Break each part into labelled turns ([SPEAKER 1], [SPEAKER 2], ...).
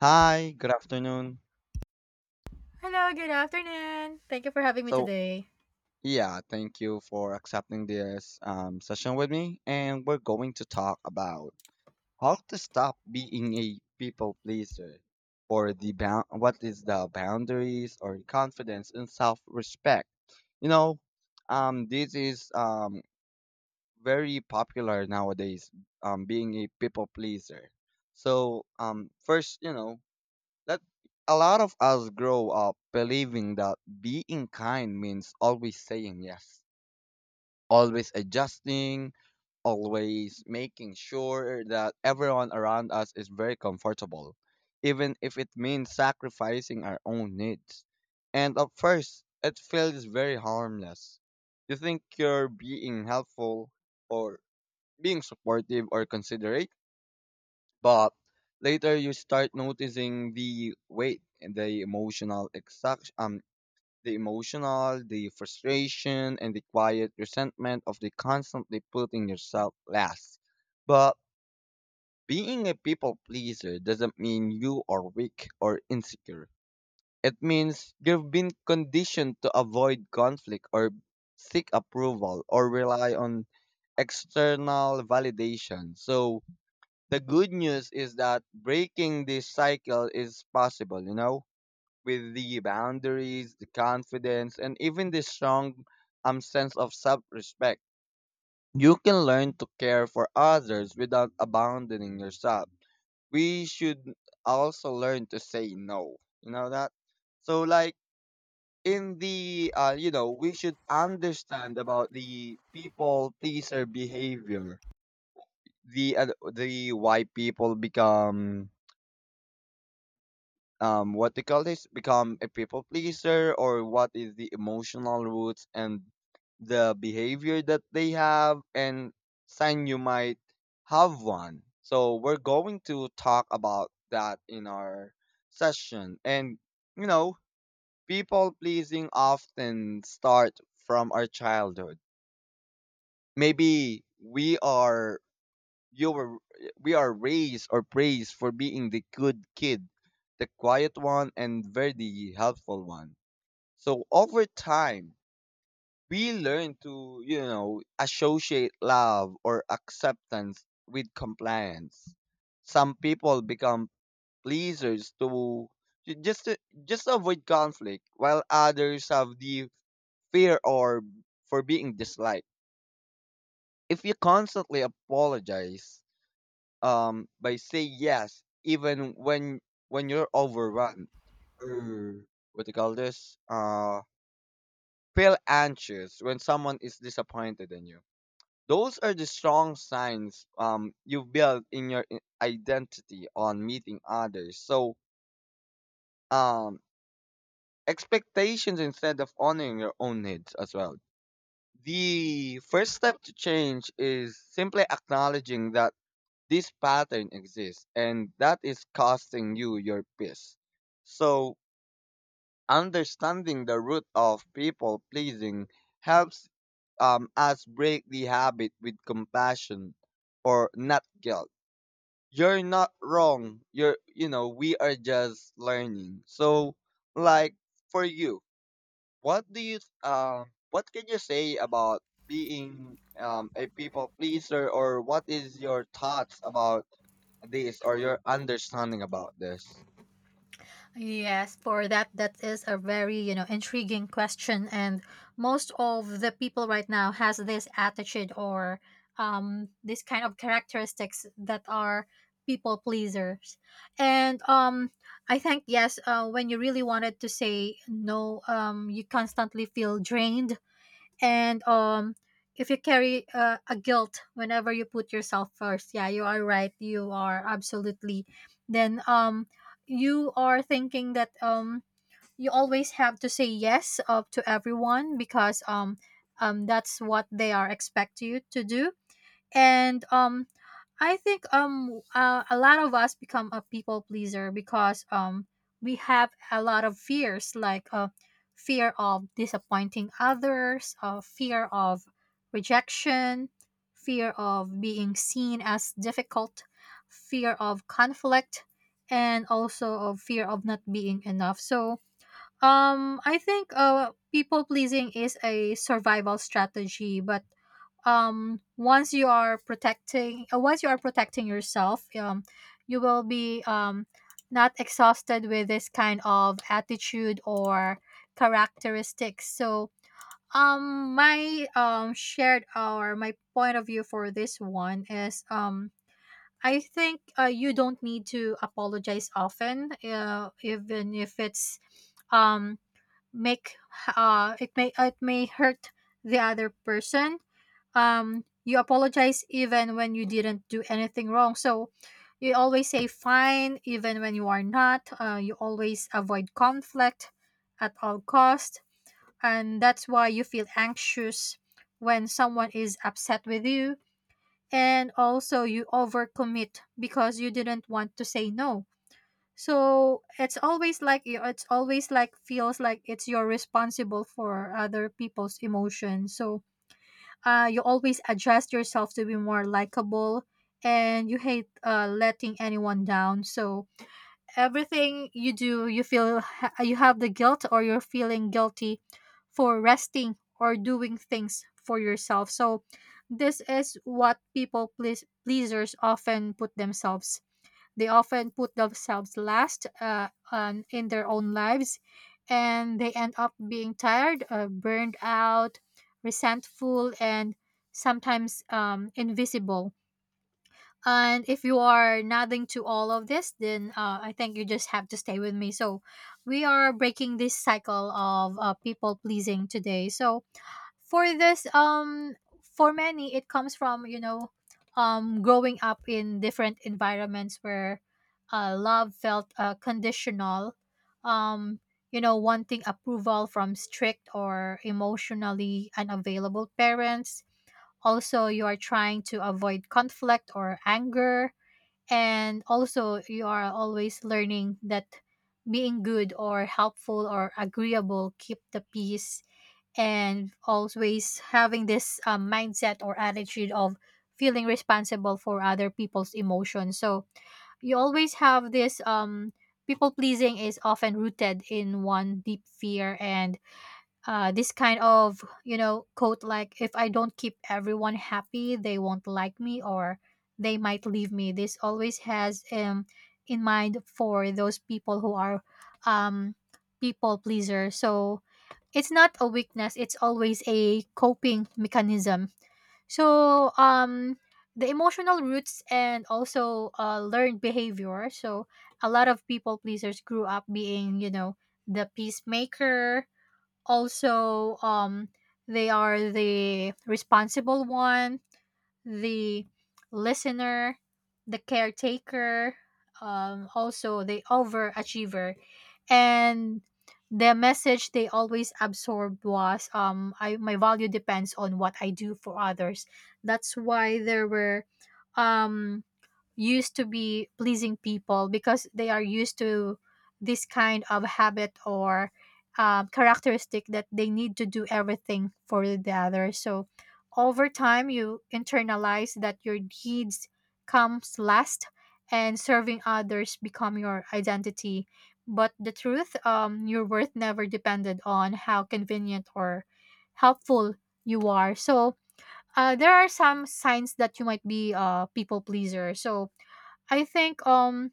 [SPEAKER 1] Hi, good afternoon.
[SPEAKER 2] Hello, good afternoon. Thank you for having me
[SPEAKER 1] So,
[SPEAKER 2] today.
[SPEAKER 1] yeah, Thank you for accepting this session with me. And we're going to talk about how to stop being a people pleaser or the bound what is the boundaries or confidence and self-respect. You know, this is very popular nowadays, being a people pleaser. So, first, you know, That a lot of us grow up believing that being kind means always saying yes, always adjusting, always making sure that everyone around us is very comfortable, even if it means sacrificing our own needs. And at first, it feels very harmless. You think you're being helpful or being supportive or considerate, but later you start noticing the weight and the emotional, the frustration and the quiet resentment of the constantly putting yourself last. But being a people pleaser doesn't mean you are weak or insecure. It means you've been conditioned to avoid conflict or seek approval or rely on external validation. So the good news is that breaking this cycle is possible, you know, with the boundaries, the confidence, and even the strong sense of self respect. You can learn to care for others without abandoning yourself. We should also learn to say no, you know that? So, like, in we should understand about the people pleaser behavior, the uh, the why people become what they call this, become a people pleaser, or what is the emotional roots and the behavior that they have, and sign you might have one. So we're going to talk about that in our session. And you know, people pleasing often start from our childhood. Maybe you were, we are raised or praised for being the good kid, the quiet one, and very helpful one. So over time, we learn to, you know, associate love or acceptance with compliance. Some people become pleasers to ju- just to, just to avoid conflict, while others have the fear or for being disliked. If you constantly apologize by say yes even when you're overrun, or what do you call this, feel anxious when someone is disappointed in you, those are the strong signs. You build in your identity on meeting others, so um expectations instead of honoring your own needs as well. The first step to change is simply acknowledging that this pattern exists, and that is costing you your peace. So, understanding the root of people pleasing helps us break the habit with compassion or not guilt. You're not wrong. You're, you know, we are just learning. So, like for you, what do you, what can you say about being a people pleaser, or what is your thoughts about this, or your understanding about this?
[SPEAKER 2] Yes, for that, that is a very, you know, intriguing question. And most of the people right now has this attitude or this kind of characteristics that are people pleasers. And I think, yes, when you really wanted to say no, you constantly feel drained and if you carry a guilt whenever you put yourself first. Yeah, you are right, you are absolutely. Then you are thinking that you always have to say yes up to everyone, because that's what they are expect you to do. And I think a lot of us become a people pleaser because we have a lot of fears, like fear of disappointing others, fear of rejection, fear of being seen as difficult, fear of conflict, and also of fear of not being enough. So I think people pleasing is a survival strategy, but once you are protecting yourself, you will be not exhausted with this kind of attitude or characteristics. So my shared, or my point of view for this one is, I think, you don't need to apologize often, even if it's um make it may hurt the other person. You apologize even when you didn't do anything wrong. So you always say fine even when you are not. You always avoid conflict at all cost, and that's why you feel anxious when someone is upset with you. And also, you overcommit because you didn't want to say no. So it's always like it's always like feels like it's you're responsible for other people's emotions. So you always adjust yourself to be more likable, and you hate letting anyone down. So everything you do, you feel you have the guilt, or you're feeling guilty for resting or doing things for yourself. So this is what people please pleasers often put themselves they often put themselves last, on, in their own lives, and they end up being tired, burned out, resentful, and sometimes, invisible. And if you are nodding to all of this, then, I think you just have to stay with me. So, we are breaking this cycle of, people pleasing today. So, for this, for many it comes from, you know, growing up in different environments where love felt, conditional. um you know, wanting approval from strict or emotionally unavailable parents. Also, you are trying to avoid conflict or anger. And also, you are always learning that being good or helpful or agreeable keep the peace, and always having this, mindset or attitude of feeling responsible for other people's emotions. So you always have this, people pleasing is often rooted in one deep fear, and, this kind of, you know, quote, like, "If I don't keep everyone happy, they won't like me, or they might leave me." This always has, in mind for those people who are, um people pleaser. So it's not a weakness, it's always a coping mechanism. So the emotional roots and also, learned behavior. So a lot of people pleasers grew up being, you know, the peacemaker, also they are the responsible one, the listener, the caretaker, also the overachiever, and the message they always absorbed was, I, my value depends on what I do for others. That's why there were, um used to be pleasing people because they are used to this kind of habit or, characteristic that they need to do everything for the other. So over time, you internalize that your needs comes last, and serving others become your identity. But the truth, your worth never depended on how convenient or helpful you are. So, there are some signs that you might be a people pleaser. So I think,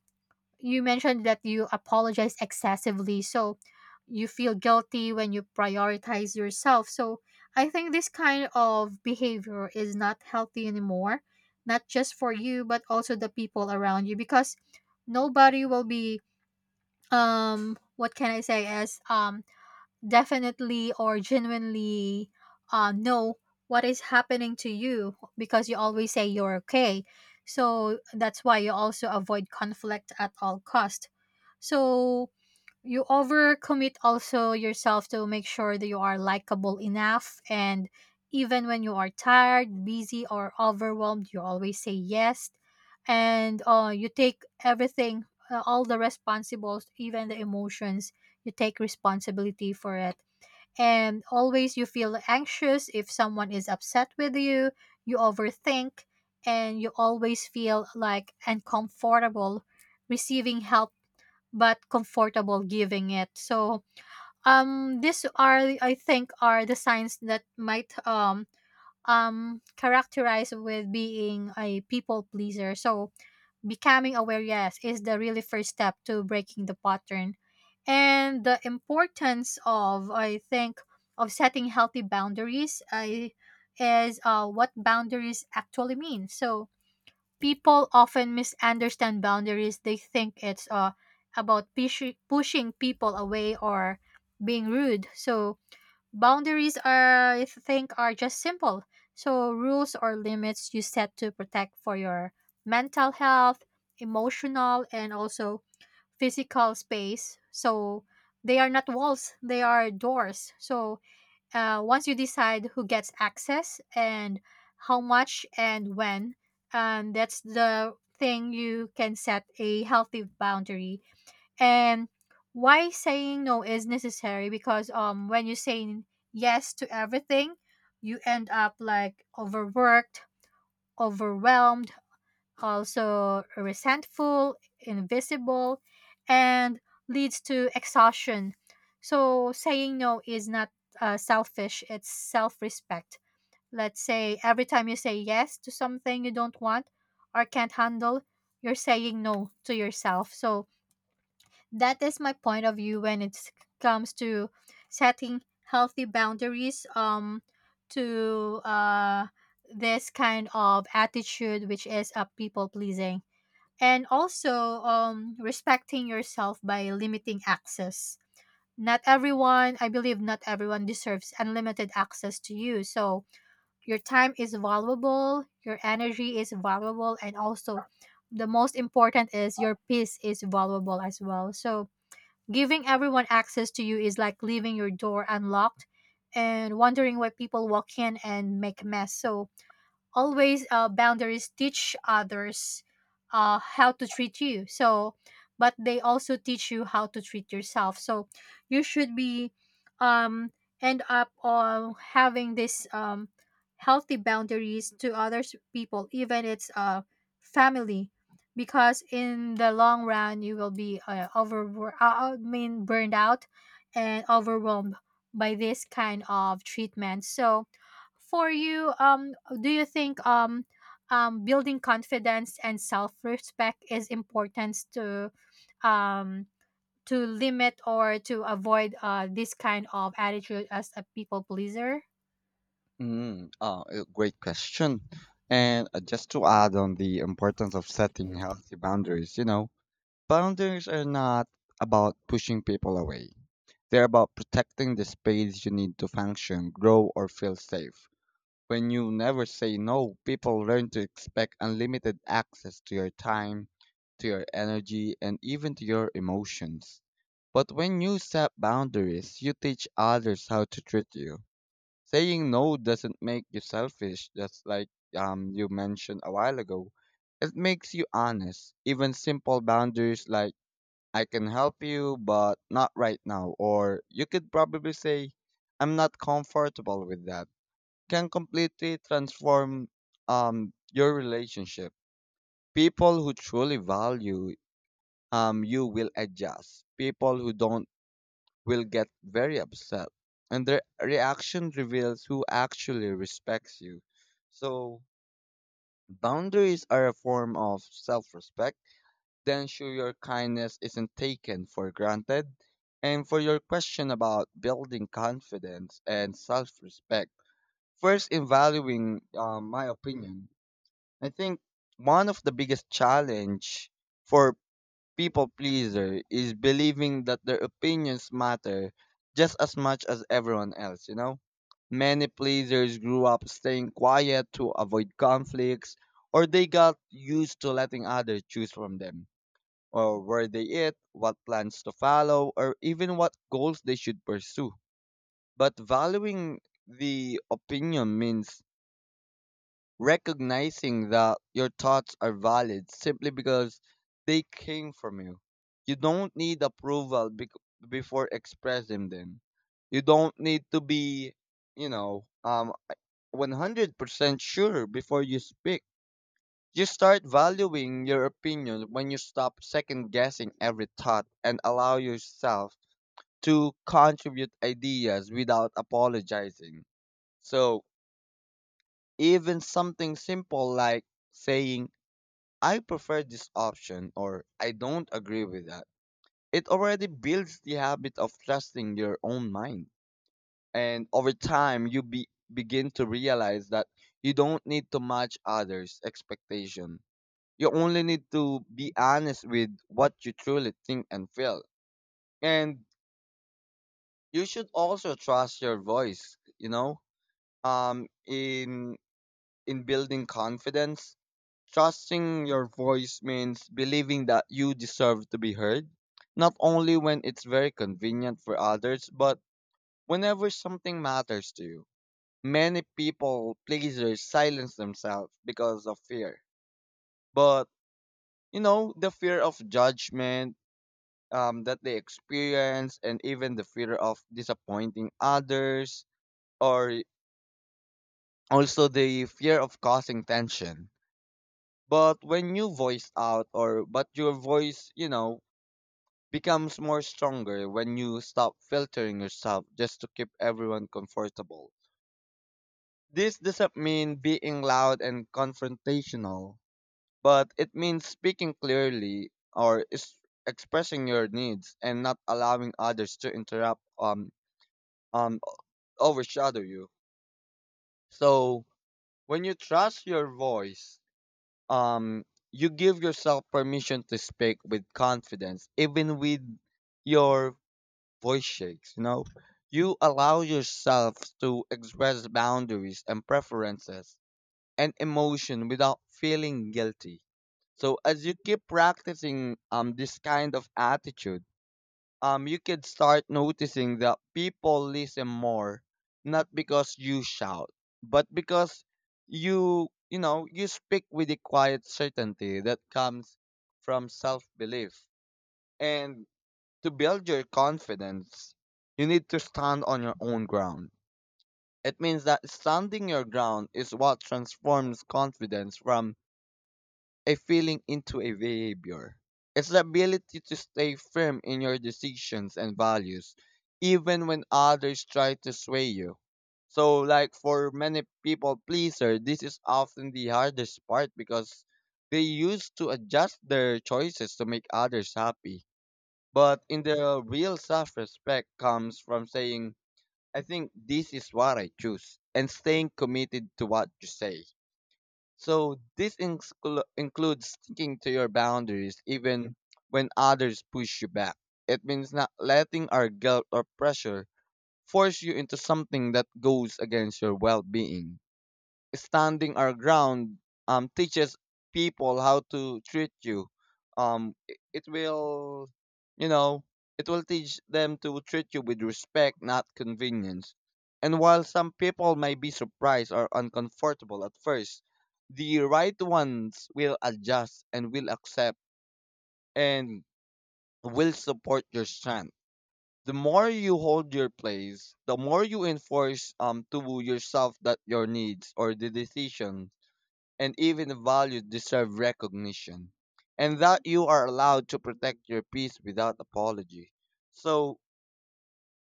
[SPEAKER 2] you mentioned that you apologize excessively. So you feel guilty when you prioritize yourself. So I think this kind of behavior is not healthy anymore, not just for you, but also the people around you, because nobody will be, what can I say is definitely or genuinely, know what is happening to you, because you always say you're okay. So that's why you also avoid conflict at all cost. So you overcommit also yourself to make sure that you are likable enough, and even when you are tired, busy, or overwhelmed, you always say yes. And, you take everything, all the responsibles, even the emotions, you take responsibility for it. And always you feel anxious if someone is upset with you, you overthink, and you always feel like uncomfortable receiving help, but comfortable giving it. So these are, I think, are the signs that might, characterize with being a people pleaser. So becoming aware, yes, is the really first step to breaking the pattern. And the importance of, I think, of setting healthy boundaries, I is, what boundaries actually mean. So people often misunderstand boundaries. They think it's, about pushing people away or being rude. So boundaries are, I think, are just simple. So rules or limits you set to protect for your mental health, emotional, and also physical space. So they are not walls; they are doors. So, once you decide who gets access, and how much and when, that's the thing you can set a healthy boundary. And why saying no is necessary, because when you say yes to everything, you end up like overworked, overwhelmed, also resentful, invisible, and leads to exhaustion. So saying no is not, selfish, it's self respect. Let's say every time you say yes to something you don't want or can't handle, you're saying no to yourself. So that is my point of view when it comes to setting healthy boundaries, to this kind of attitude, which is a people pleasing, and also, respecting yourself by limiting access. Not everyone, I believe, not everyone deserves unlimited access to you. So your time is valuable, your energy is valuable, and also the most important is your peace is valuable as well. So giving everyone access to you is like leaving your door unlocked and wondering why people walk in and make a mess. So always, boundaries teach others, how to treat you. So but they also teach you how to treat yourself. So you should be, um end up on having this, healthy boundaries to other people, even it's family, because in the long run, you will be, over I mean burned out and overwhelmed by this kind of treatment. So for you, do you think, building confidence and self-respect is important to, um to limit or to avoid, this kind of attitude as a people pleaser?
[SPEAKER 1] Mm. Oh, a great question. And just to add on the importance of setting healthy boundaries, you know, boundaries are not about pushing people away. They're about protecting the space you need to function, grow, or feel safe. When you never say no, people learn to expect unlimited access to your time, to your energy, and even to your emotions. But when you set boundaries, you teach others how to treat you. Saying no doesn't make you selfish, just like you mentioned a while ago. It makes you honest. Even simple boundaries like, "I can help you, but not right now." Or you could probably say, "I'm not comfortable with that," can completely transform your relationship. People who truly value you will adjust. People who don't will get very upset. And their reaction reveals who actually respects you. So, boundaries are a form of self respect. Then, show your kindness isn't taken for granted. And for your question about building confidence and self respect, first, in valuing my opinion, I think one of the biggest challenge for people pleaser is believing that their opinions matter just as much as everyone else, you know? Many pleasers grew up staying quiet to avoid conflicts, or they got used to letting others choose from them, or where they eat, what plans to follow, or even what goals they should pursue. But valuing the opinion means recognizing that your thoughts are valid simply because they came from you. You don't need approval before expressing them. You don't need to be, you know, um, 100% sure before you speak. You start valuing your opinion when you stop second guessing every thought and allow yourself to contribute ideas without apologizing. So, even something simple like saying, "I prefer this option," or "I don't agree with that," it already builds the habit of trusting your own mind. And over time, begin to realize that you don't need to match others' expectation. You only need to be honest with what you truly think and feel. And you should also trust your voice, you know? Um in in building confidence, trusting your voice means believing that you deserve to be heard, not only when it's very convenient for others, but whenever something matters to you. Many people pleasers silence themselves because of fear. But, you know, the fear of judgment that they experience, and even the fear of disappointing others, or also the fear of causing tension. But when you voice out, or but your voice, you know, becomes more stronger when you stop filtering yourself just to keep everyone comfortable. This doesn't mean being loud and confrontational, but it means speaking clearly, or is expressing your needs and not allowing others to interrupt um overshadow you. So when you trust your voice, um you give yourself permission to speak with confidence even with your voice shakes, you know. You allow yourself to express boundaries and preferences and emotion without feeling guilty. So as you keep practicing this kind of attitude, you could start noticing that people listen more, not because you shout, but because you know, you speak with a quiet certainty that comes from self belief. And to build your confidence, you need to stand on your own ground. It means that standing your ground is what transforms confidence from a feeling into a behavior. It's the ability to stay firm in your decisions and values, even when others try to sway you. So, like for many people pleaser, this is often the hardest part because they used to adjust their choices to make others happy. But in the real self-respect comes from saying, "I think this is what I choose," and staying committed to what you say. So this includes sticking to your boundaries even when others push you back. It means not letting our guilt or pressure force you into something that goes against your well-being. Standing our ground teaches people how to treat you. It will, you know, it will teach them to treat you with respect, not convenience. And while some people may be surprised or uncomfortable at first, the right ones will adjust and will accept and will support your strength. The more you hold your place, the more you enforce to yourself that your needs or the decision and even values deserve recognition, and that you are allowed to protect your peace without apology. So,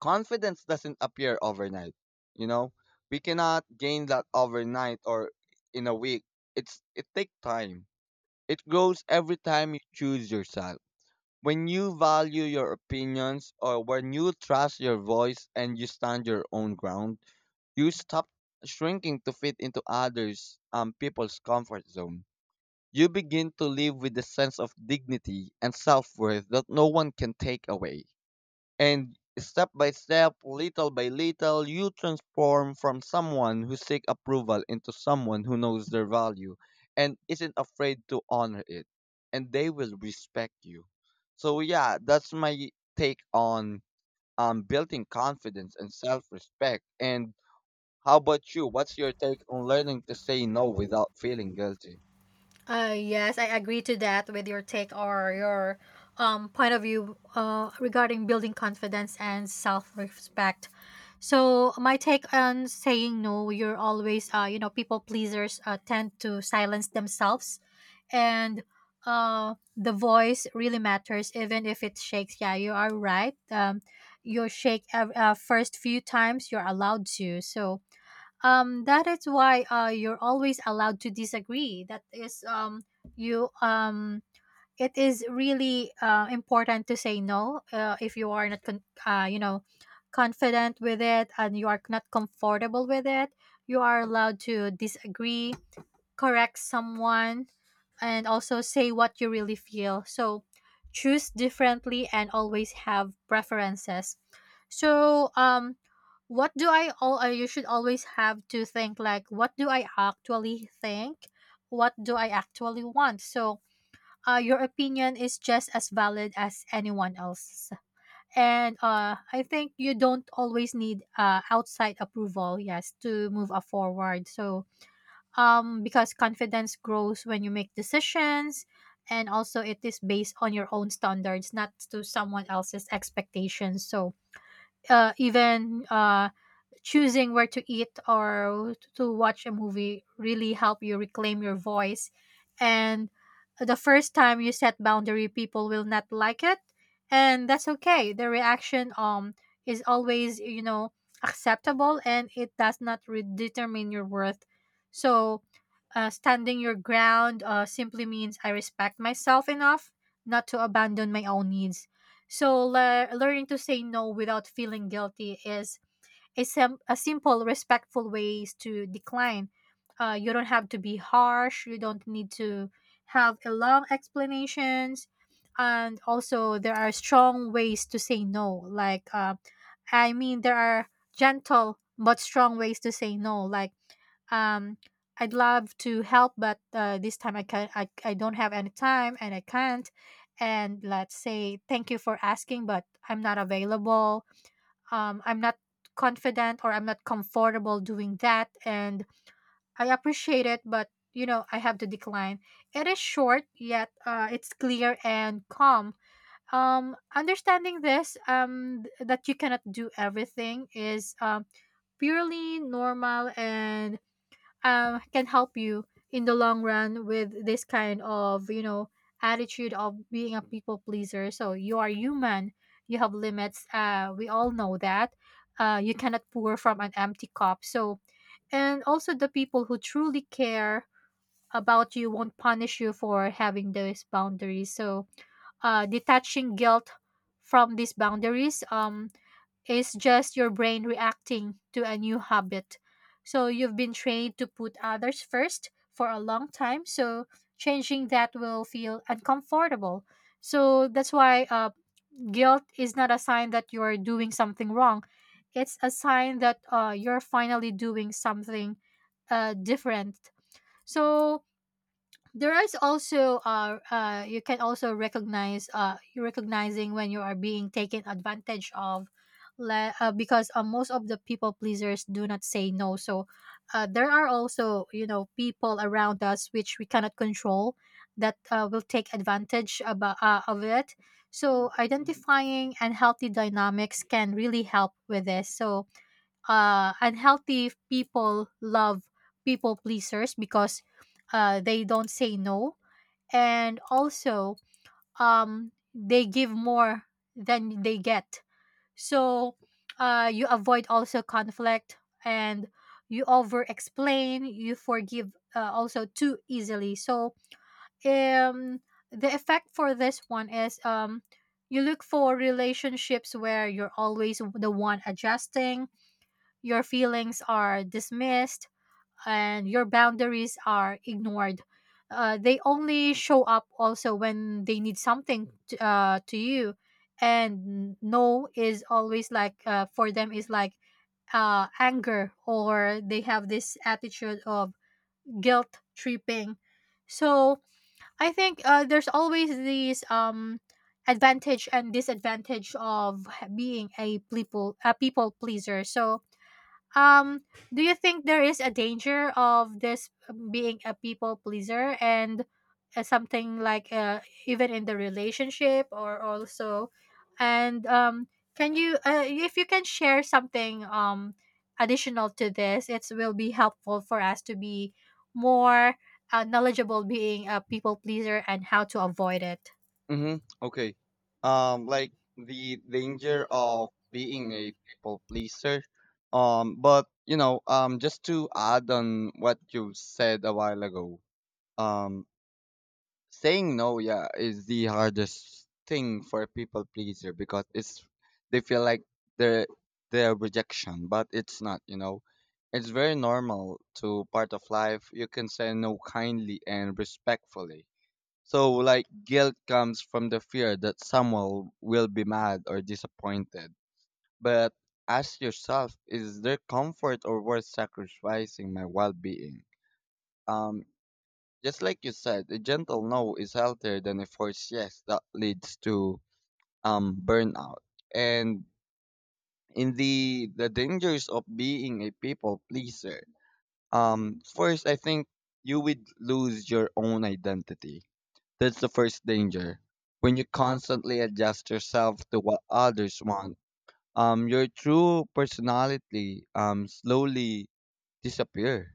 [SPEAKER 1] confidence doesn't appear overnight, you know? We cannot gain that overnight or in a week. It takes time. It grows every time you choose yourself. When you value your opinions, or when you trust your voice and you stand your own ground, you stop shrinking to fit into others people's comfort zone. You begin to live with a sense of dignity and self worth that no one can take away. And step by step, little by little, you transform from someone who seeks approval into someone who knows their value and isn't afraid to honor it. And they will respect you. So, yeah, that's my take on building confidence and self respect. And how about you? What's your take on learning to say no without feeling guilty?
[SPEAKER 2] Yes, I agree to that with your take or your, point of view, regarding building confidence and self respect. So my take on saying no, you're always, you know, people pleasers, tend to silence themselves, and, the voice really matters, even if it shakes. Yeah, you are right. You first few times you're allowed to. So that is why, you're always allowed to disagree, that is you it is really, important to say no, if you are not you know, confident with it, and you are not comfortable with it, you are allowed to disagree, correct someone, and also say what you really feel. So choose differently and always have preferences. So what do I all you should always have to think like, what do I actually think? What do I actually want? So, your opinion is just as valid as anyone else's. And, I think you don't always need, outside approval, yes, to move, forward. Because confidence grows when you make decisions, and also it is based on your own standards, not to someone else's expectations. So even Choosing where to eat or to watch a movie really help you reclaim your voice. And the first time you set boundary, people will not like it, and that's okay. The reaction is always, you know, acceptable, and it does not determine your worth. so Standing your ground simply means I respect myself enough not to abandon my own needs. So learning to say no without feeling guilty is a simple respectful ways to decline. You don't have to be harsh, you don't need to have a long explanations. And also there are strong ways to say no, like there are gentle but strong ways to say no, like um I'd love to help, but this time I don't have any time and I can't. And let's say thank you for asking, but I'm not available. I'm not confident or I'm not comfortable doing that. And I appreciate it, but you know, I have to decline. It is short, yet it's clear and calm. Understanding this, that you cannot do everything is purely normal, and can help you in the long run with this kind of, you know, attitude of being a people pleaser. So you are human, you have limits, we all know that. You cannot pour from an empty cup. So and also the people who truly care about you won't punish you for having those boundaries. So detaching guilt from these boundaries is just your brain reacting to a new habit. So you've been trained to put others first for a long time. So changing that will feel uncomfortable. So that's why guilt is not a sign that you're doing something wrong. It's a sign that you're finally doing something different. So there is also you can also recognize you recognizing when you are being taken advantage of, because most of the people pleasers do not say no. So there are also, you know, people around us which we cannot control that will take advantage of it. So identifying unhealthy dynamics can really help with this. So unhealthy people love people pleasers because they don't say no. And also they give more than they get. So you avoid also conflict, and you over explain, you forgive also too easily. So um, the effect for this one is, you look for relationships where you're always the one adjusting. Your feelings are dismissed, and your boundaries are ignored. They only show up also when they need something to you. And no is always like, for them, is like anger, or they have this attitude of guilt tripping. So I think there's always these advantage and disadvantage of being a people pleaser. So um, do you think there is a danger of this being a people pleaser, and something like even in the relationship, or also and can you, if you can share something additional to this, it will be helpful for us to be more knowledgeable being a people pleaser and how to avoid it.
[SPEAKER 1] Mm-hmm. Okay. Like the danger of being a people pleaser. But you know, just to add on what you said a while ago, um, saying no, yeah, is the hardest thing for a people pleaser because it's they feel like they're they're rejection, but it's not. You know, it's very normal to part of life. You can say no kindly and respectfully. So, like, guilt comes from the fear that someone will be mad or disappointed. But ask yourself, is their comfort or worth sacrificing my well being? Um, just like you said, a gentle no is healthier than a forced yes that leads to burnout. And in the dangers of being a people pleaser, first I think you would lose your own identity. That's the first danger. When you constantly adjust yourself to what others want, your true personality slowly disappear.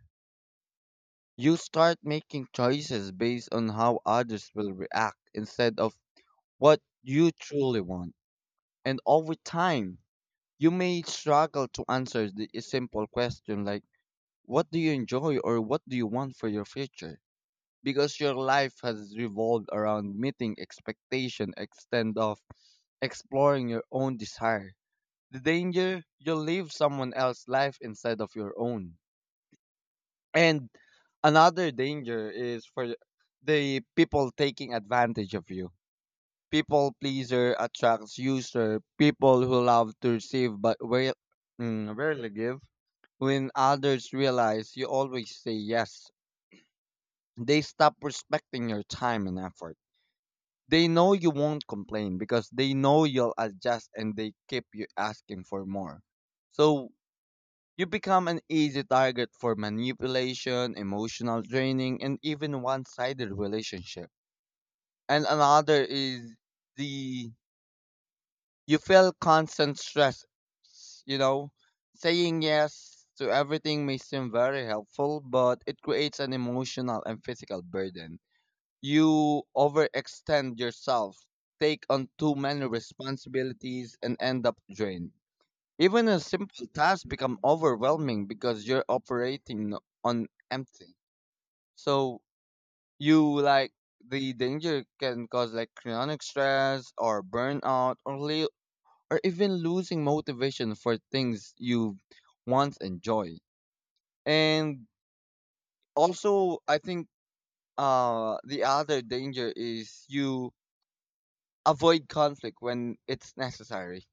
[SPEAKER 1] You start making choices based on how others will react instead of what you truly want. And over time, you may struggle to answer the a simple question like, what do you enjoy or what do you want for your future? Because your life has revolved around meeting expectation instead of exploring your own desire. The danger, you'll live someone else's life instead of your own. And another danger is for the people taking advantage of you. People pleaser attracts user, people who love to receive but rarely give. When others realize you always say yes, they stop respecting your time and effort. They know you won't complain because they know you'll adjust and they keep you asking for more. So you become an easy target for manipulation, emotional draining, and even one sided relationship. And another is the you feel constant stress. You know, Saying yes to everything may seem very helpful, but it creates an emotional and physical burden. You overextend yourself, take on too many responsibilities, and end up drained. Even a simple task become overwhelming because you're operating on empty. So you like the danger can cause like chronic stress or burnout or or even losing motivation for things you once enjoy. And also, I think the other danger is you avoid conflict when it's necessary.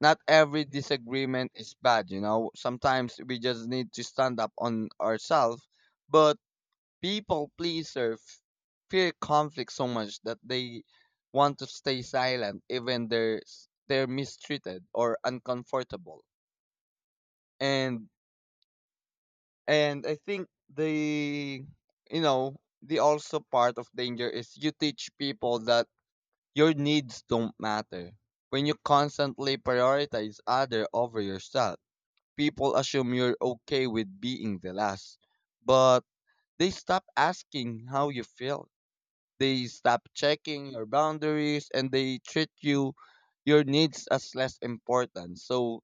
[SPEAKER 1] Not every disagreement is bad, you know. Sometimes we just need to stand up on ourselves. But people pleaser fear conflict so much that they want to stay silent even they're mistreated or uncomfortable. And and I think the the also part of danger is you teach people that your needs don't matter. When you constantly prioritize other over yourself, people assume you're okay with being the last. But they stop asking how you feel. They stop checking your boundaries and they treat you your needs as less important. So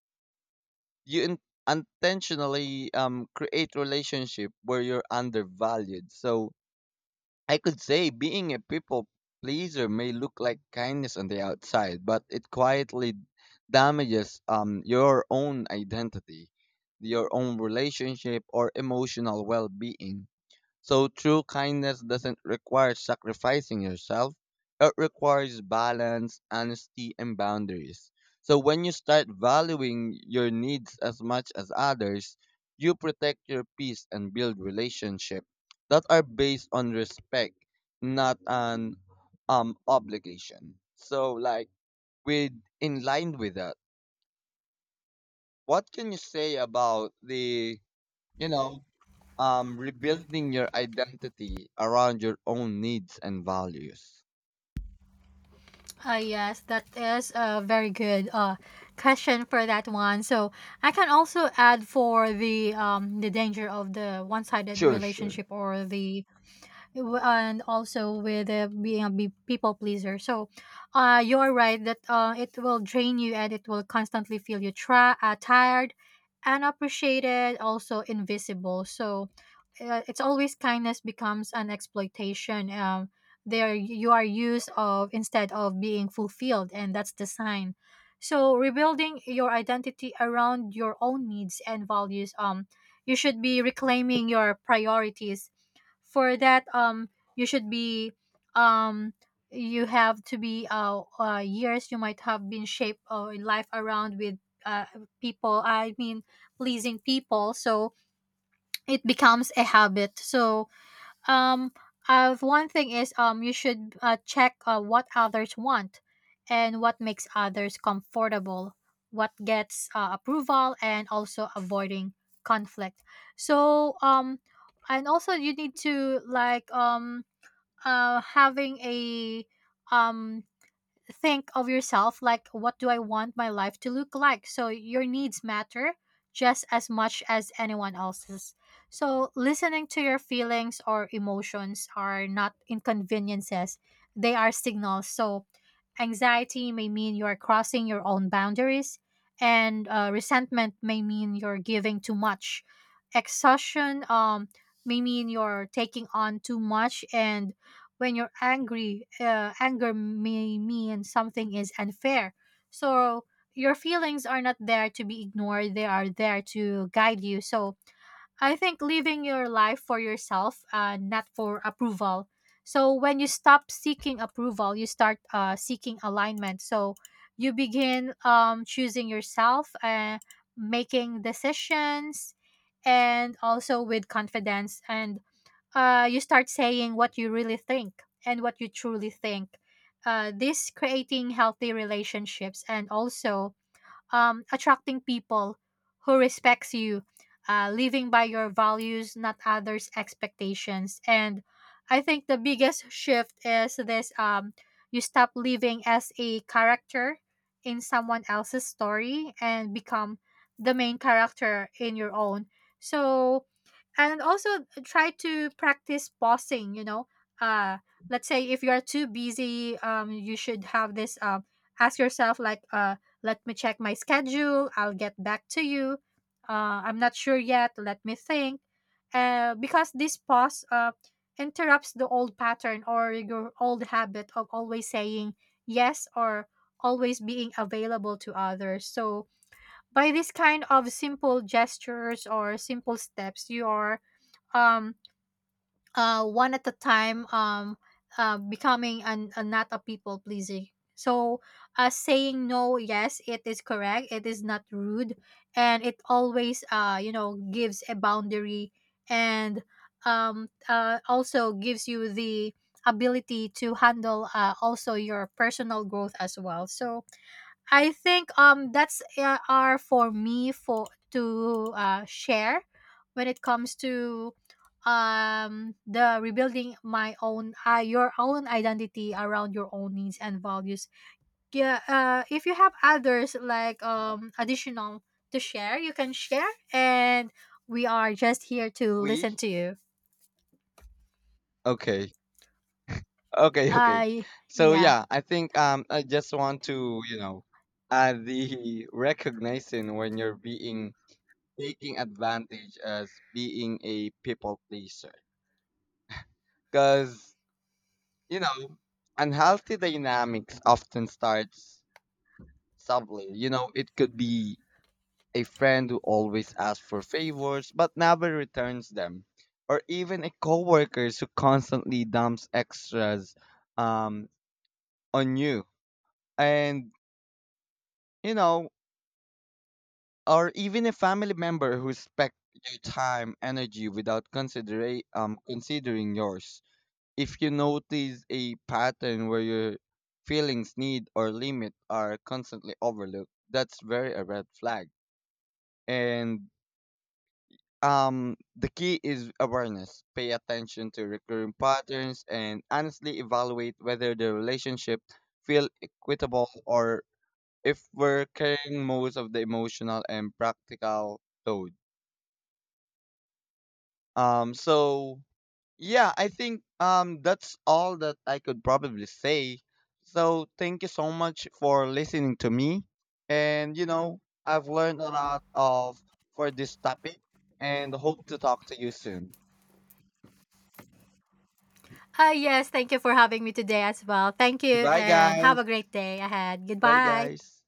[SPEAKER 1] you intentionally create relationship where you're undervalued. So I could say being a people pleaser may look like kindness on the outside, but it quietly damages your own identity, your own relationship, or emotional well being. So true kindness doesn't require sacrificing yourself. It requires balance, honesty, and boundaries. So when you start valuing your needs as much as others, you protect your peace and build relationships that are based on respect, not on obligation. So like with in line with that, what can you say about the you know, rebuilding your identity around your own needs and values?
[SPEAKER 2] Yes, that is a very good question for that one. So I can also add for the danger of the one-sided
[SPEAKER 1] Sure, sure.
[SPEAKER 2] relationship or the and also with people pleaser. So you're right that it will drain you, and it will constantly feel you tired, unappreciated, also invisible. So it's always kindness becomes an exploitation. There you are used of instead of being fulfilled, and that's the sign. So rebuilding your identity around your own needs and values. You should be reclaiming your priorities. For that, you should be um you have to be years you might have been shaped in life around with uh people I mean pleasing people, so it becomes a habit. So, um, one thing is, you should check what others want and what makes others comfortable, what gets approval, and also avoiding conflict. So, and also you need to like, having a um think of yourself like, what do I want my life to look like? So your needs matter just as much as anyone else's. So listening to your feelings or emotions are not inconveniences. They are signals. So anxiety may mean you are crossing your own boundaries, and resentment may mean you're giving too much. Exhaustion may mean you're taking on too much, and when you're angry, anger may mean something is unfair. So your feelings are not there to be ignored, they are there to guide you. So I think living your life for yourself, not for approval. So when you stop seeking approval, you start seeking alignment. So you begin choosing yourself, making decisions and also with confidence, and you start saying what you really think and what you truly think. This creating healthy relationships, and also attracting people who respects you, living by your values, not others' expectations. And I think the biggest shift is this: you stop living as a character in someone else's story and become the main character in your own. So, and also try to practice pausing. You know, uh, let's say if you are too busy, you should have this. Ask yourself like, let me check my schedule. I'll get back to you. I'm not sure yet. Let me think. Because this pause interrupts the old pattern or your old habit of always saying yes, or always being available to others. So, by this kind of simple gestures or simple steps, you are, um, one at a time, becoming an, a not a people pleasing. So, saying no, yes, it is correct. It is not rude, and it always, you know, gives a boundary, and also gives you the ability to handle, also your personal growth as well. So, I think that's are for me for to share when it comes to the rebuilding my own, your own identity around your own needs and values. Yeah, if you have others like,
[SPEAKER 1] Uh-huh.
[SPEAKER 2] additional to share, you can share, and we are just here to
[SPEAKER 1] We?
[SPEAKER 2] listen to you.
[SPEAKER 1] Okay. Okay, okay.
[SPEAKER 2] I
[SPEAKER 1] So
[SPEAKER 2] yeah.
[SPEAKER 1] yeah, I think I just want to, add the recognition when you're being taking advantage as being a people pleaser. Cause, you know, unhealthy dynamics often starts subtly. You know, it could be a friend who always asks for favors but never returns them, or even a coworker who constantly dumps extras um, on you, and you know, or even a family member who expects your time, energy without considering considering yours. If you notice a pattern where your feelings, need, or limit are constantly overlooked, that's very a red flag. And The key is awareness. Pay attention to recurring patterns and honestly evaluate whether the relationship feel equitable or if we're carrying most of the emotional and practical load. So yeah, I think that's all that I could probably say. So thank you so much for listening to me, and you know I've learned a lot of for this topic, and hope to talk to you soon.
[SPEAKER 2] Yes, thank you for having me today as well. Thank you,
[SPEAKER 1] Goodbye,
[SPEAKER 2] and have
[SPEAKER 1] guys.
[SPEAKER 2] a great day ahead.
[SPEAKER 1] Bye,
[SPEAKER 2] Goodbye.
[SPEAKER 1] guys.